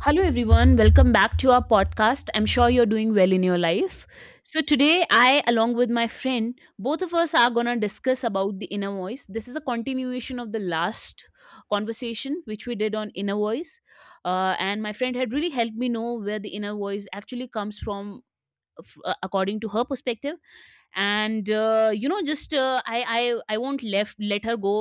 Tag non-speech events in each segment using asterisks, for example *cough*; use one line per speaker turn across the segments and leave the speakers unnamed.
Hello, everyone. Welcome back to our podcast. I'm sure you're doing well in your life. So, today, I, along with my friend, both of us are going to discuss about the inner voice. This is a continuation of the last conversation which we did on inner voice. And my friend had really helped me know where the inner voice actually comes from, according to her perspective. And you know just I won't left let her go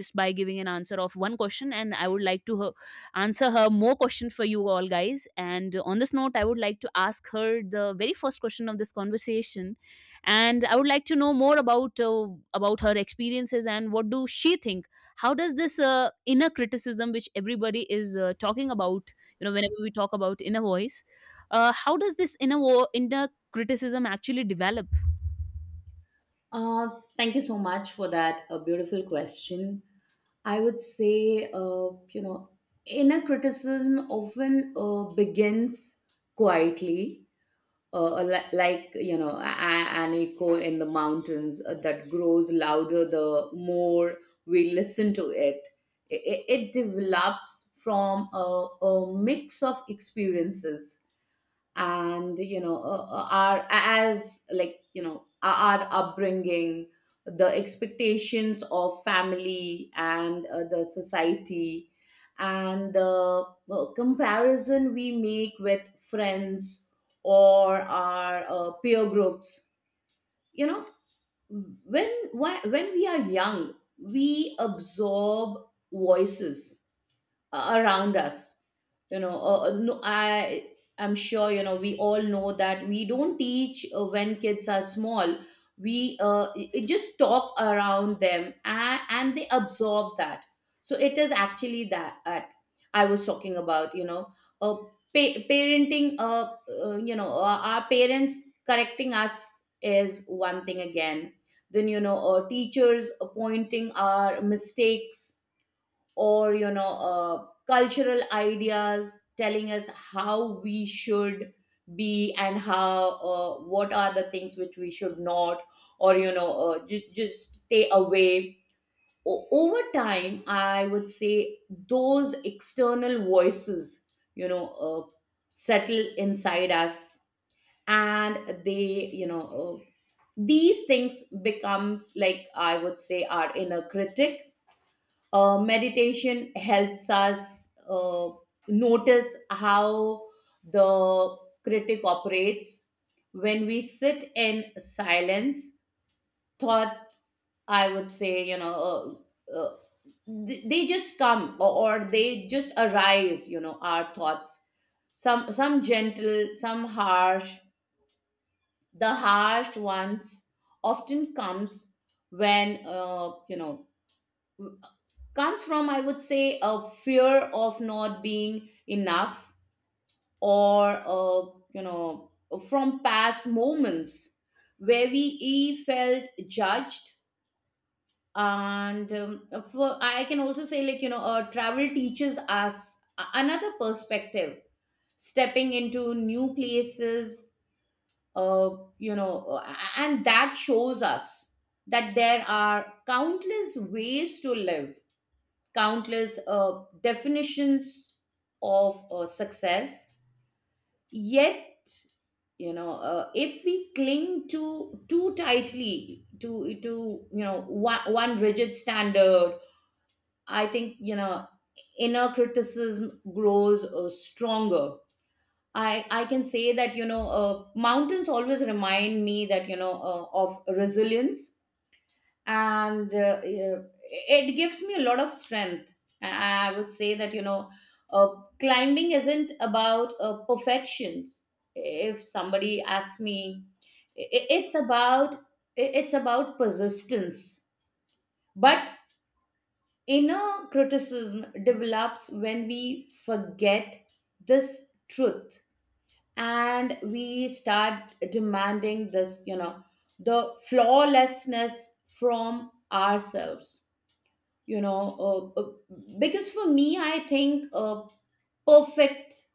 just by giving an answer of one question, and I would like to her, answer her more question for you all guys. And on this note, I would like to ask her the very first question of this conversation, and I would like to know more about her experiences and what do she think. How does this inner criticism which everybody is talking about, you know, whenever we talk about inner voice, how does this inner criticism actually develop?
Uh, Thank you so much for that. A beautiful question. I would say, inner criticism often begins quietly, like, an echo in the mountains that grows louder the more we listen to it. It develops from a mix of experiences, and our as our upbringing, the expectations of family and the society, and the comparison we make with friends or our peer groups you know when we are young, we absorb voices around us. No, I'm sure, we all know that we don't teach when kids are small, we just talk around them, and they absorb that. So it is actually that I was talking about. uh, Parenting— our parents correcting us is one thing. Again, then, teachers pointing our mistakes, or, cultural ideas telling us how we should be, and how— what are the things which we should not, or just stay away. Over time, I would say, those external voices you know uh, settle inside us, and they— you know uh, these things becomes, like, I would say, our inner critic. Meditation helps us notice how the critic operates when we sit in silence. Thought, I would say, uh, uh, they just come, or they just arise, you know our thoughts, some gentle, some harsh. The harsh ones often comes when comes from, I would say, a fear of not being enough, or, from past moments where we felt judged. And I can also say, like, travel teaches us another perspective, stepping into new places, uh, and that shows us that there are countless ways to live, countless definitions of success. Yet, if we cling to too tightly to one rigid standard, I think, inner criticism grows stronger. I can say that mountains always remind me that you know of resilience, and, yeah, it gives me a lot of strength. And I would say that, uh, climbing isn't about perfections. If somebody asks me, i- i- it's about it's about persistence. But inner criticism develops when we forget this truth, and we start demanding this you know the flawlessness from ourselves. you know uh, uh, because for me, I think, perfect—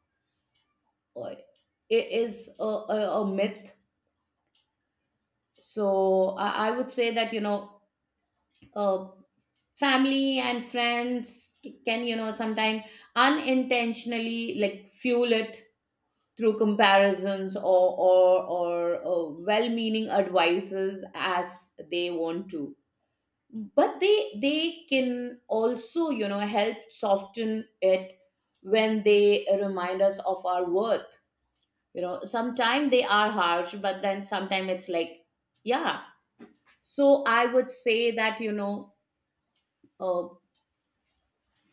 uh, i- is a myth. So I would say that, uh, family and friends can, sometimes unintentionally, like, fuel it through comparisons, or well-meaning advices, as they want to. But they can also, help soften it when they remind us of our worth. Sometimes they are harsh, but then sometimes it's like, yeah. So I would say that, uh,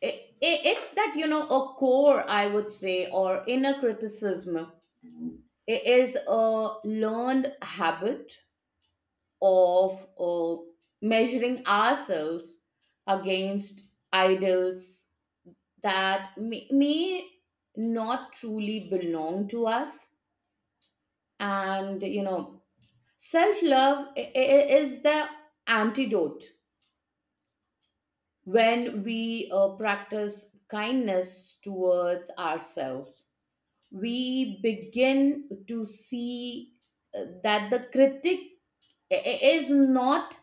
it, it's that, a core, I would say, or inner criticism, it is a learned habit of measuring ourselves against idols that may not truly belong to us. And, self-love is the antidote. When we practice kindness towards ourselves, we begin to see that the critic i- i- is not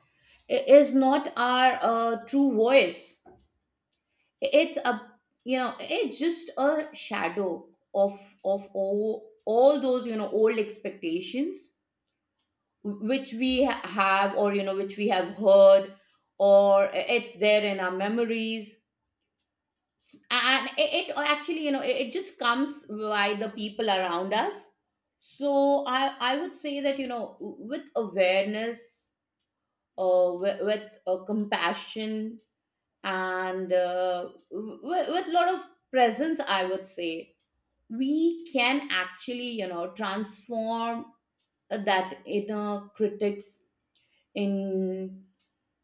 is not our true voice. It's a— it's just a shadow of of all those old expectations which we have, or, which we have heard, or it's there in our memories. And it actually, it just comes by the people around us. So I would say that, with awareness, with compassion, and with a lot of presence, I would say, we can actually, transform that inner critics in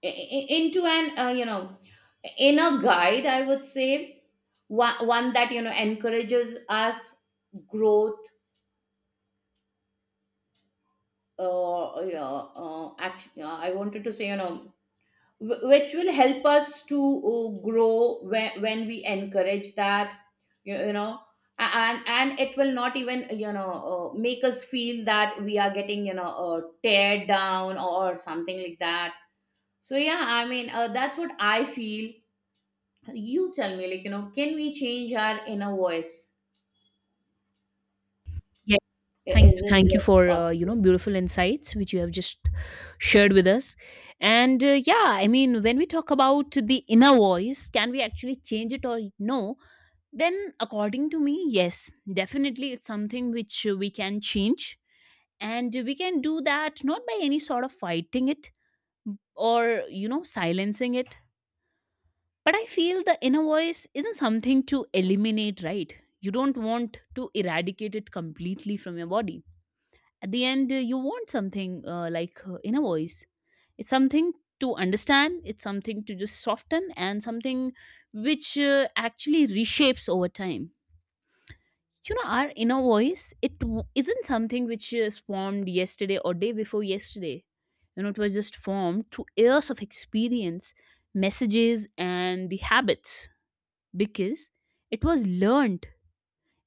i- into an inner guide, I would say. One that, encourages us growth. Yeah, I wanted to say, which will help us to grow when we encourage that you, you know a- and and it will not even, make us feel that we are getting, teared down or something like that. So, yeah, I mean, that's what I feel. You tell me, like, can we change our inner voice? Is it,
Thank you
like,
for you
possible?
know, beautiful insights which you have just shared with us. And yeah, I mean, when we talk about the inner voice, can we actually change it or no? Then, according to me, yes, definitely, it's something which we can change, and we can do that not by any sort of fighting it or you know, silencing it. But I feel the inner voice isn't something to eliminate, right? You don't want to eradicate it completely from your body. At the end, you want something inner voice, it's something to understand, it's something to just soften, and something which actually reshapes over time. You know, our inner voice, isn't something which is formed yesterday or day before yesterday. You know, it was just formed through years of experience, messages, and the habits. Because it was learned,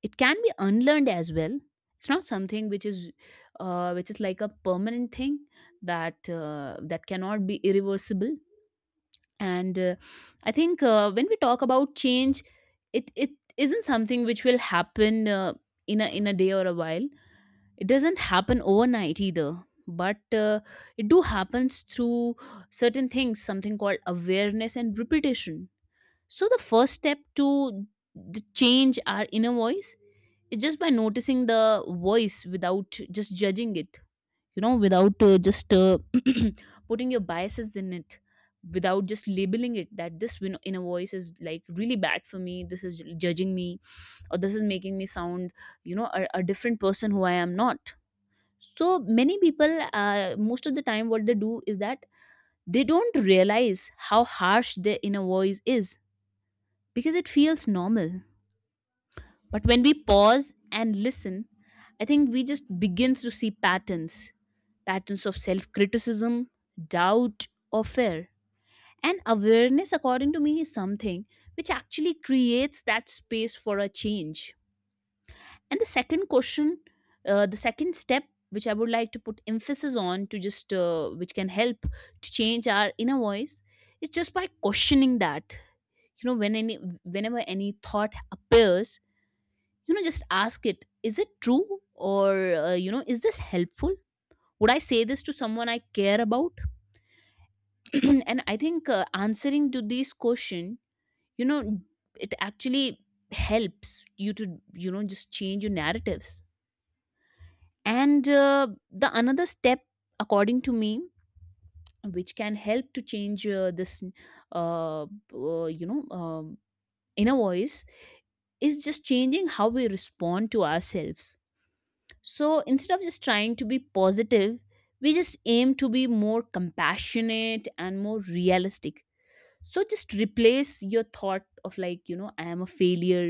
it can be unlearned as well. It's not something which is like a permanent thing, that that cannot be irreversible. And I think when we talk about change, it isn't something which will happen in a day or a while. It doesn't happen overnight either. But it do happens through certain things, something called awareness and repetition. So the first step to change our inner voice, it's just by noticing the voice without just judging it. You know, without just *clears throat* putting your biases in it, without just labeling it that this inner voice is like really bad for me, this is judging me, or this is making me sound, you know, a different person who I am not. So many people, most of the time, what they do is that they don't realize how harsh their inner voice is, because it feels normal. But when we pause and listen, I think we just begin to see patterns, patterns of self criticism, doubt, or fear. And awareness, according to me, is something which actually creates that space for a change. And the second question, the second step, which I would like to put emphasis on to just, which can help to change our inner voice, is just by questioning that. You know, when any, whenever any thought appears, you know, just ask it, is it true, or you know, is this helpful? Would I say this to someone I care about? *clears throat* And I think answering to this question, you know, it actually helps you to, you know, just change your narratives. And the another step, according to me, which can help to change this uh, you know inner voice, is just changing how we respond to ourselves. So instead of just trying to be positive, we just aim to be more compassionate and more realistic. So just replace your thought of like, you know, I am a failure,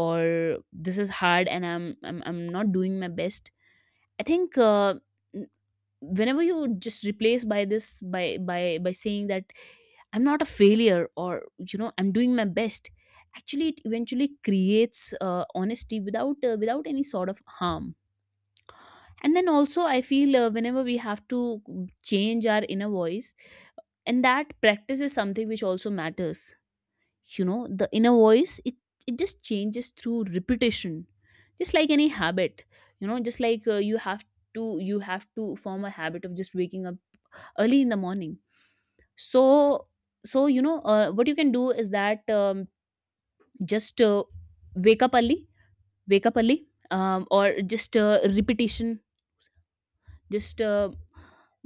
or this is hard and I'm not doing my best. I think n- whenever you just replace by this by saying that I'm not a failure, or you know, I'm doing my best, actually it eventually creates honesty without without any sort of harm. And then also I feel, whenever we have to change our inner voice, and that practice is something which also matters. You know, the inner voice, it just changes through repetition, just like any habit. You know, just like you have to form a habit of just waking up early in the morning. So so, you know, what you can do is that just wake up early, wake up early, or just repetition, just uh,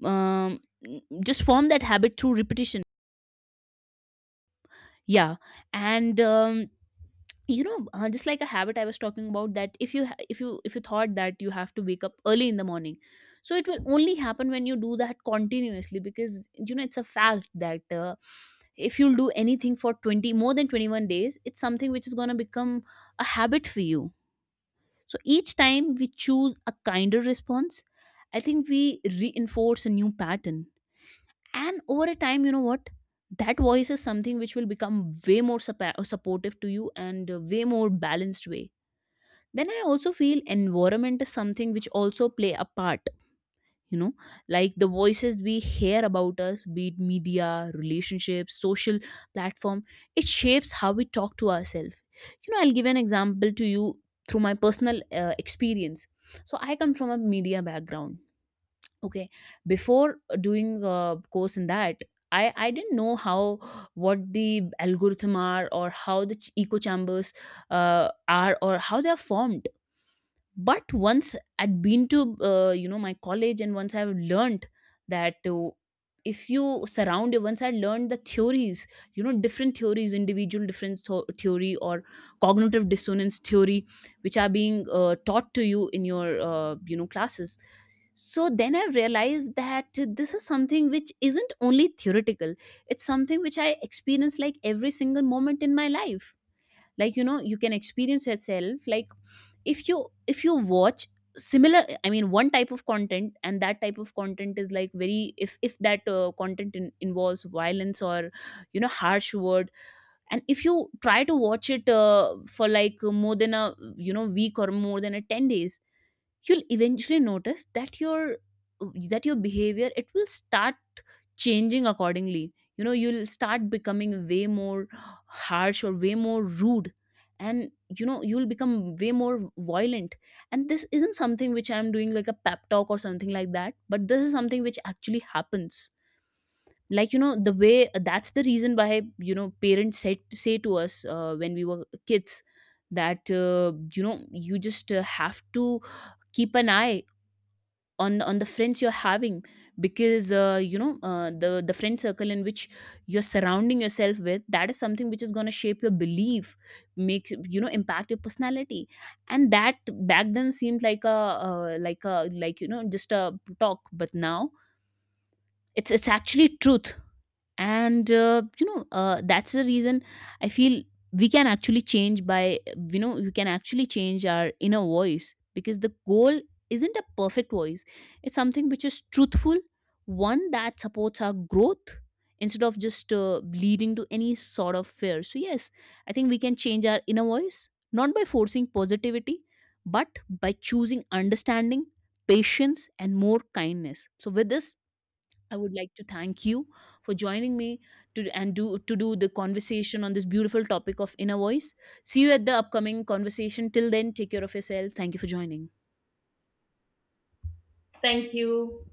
um, just form that habit through repetition, yeah. And you know, just like a habit I was talking about, that if you if you if you thought that you have to wake up early in the morning, so it will only happen when you do that continuously. Because you know, it's a fact that if you'll do anything for 20 more than 21 days, it's something which is going to become a habit for you. So each time we choose a kinder response, I think we reinforce a new pattern. And over a time, you know what, that voice is something which will become way more supportive to you and a way more balanced way. Then I also feel environment is something which also play a part. You know, like the voices we hear about us, be it media, relationships, social platform, it shapes how we talk to ourselves. You know, I'll give an example to you through my personal experience. So I come from a media background, okay? Before doing a course in that, I didn't know how, what the algorithm are, or how the echo chambers uh, are, or how they are formed. But once I'd been to you know, my college, and once I've learned that if you surround you, once I learned the theories, you know, different theories, individual difference theory, or cognitive dissonance theory, which are being taught to you in your you know, classes. So then I realized that this is something which isn't only theoretical, it's something which I experience like every single moment in my life. Like you know, you can experience yourself, like if you watch similar, I mean, one type of content, and that type of content is like very, if that content involves violence or you know, harsh word, and if you try to watch it for like more than a you know, week or more than a 10 days, you'll eventually notice that your, that your behavior, it will start changing accordingly. You know, you'll start becoming way more harsh or way more rude, and you know, you'll become way more violent. And this isn't something which I'm doing like a pep talk or something like that, but this is something which actually happens. Like you know, the way, that's the reason why, you know, parents said, say to us when we were kids, that you know, you just have to keep an eye on the friends you're having. Because the friend circle in which you're surrounding yourself with, that is something which is going to shape your belief, make, you know, impact your personality. And that back then seemed like a you know, just a talk, but now it's actually truth. And that's the reason I feel we can actually change by, you know, you can actually change our inner voice, because the goal isn't a perfect voice, it's something which is truthful, one that supports our growth, instead of just leading to any sort of fear. So yes, I think we can change our inner voice not by forcing positivity, but by choosing understanding, patience, and more kindness. So with this, I would like to thank you for joining me to and do to do the conversation on this beautiful topic of inner voice. See you at the upcoming conversation. Till then, take care of yourself. Thank you for joining.
Thank you.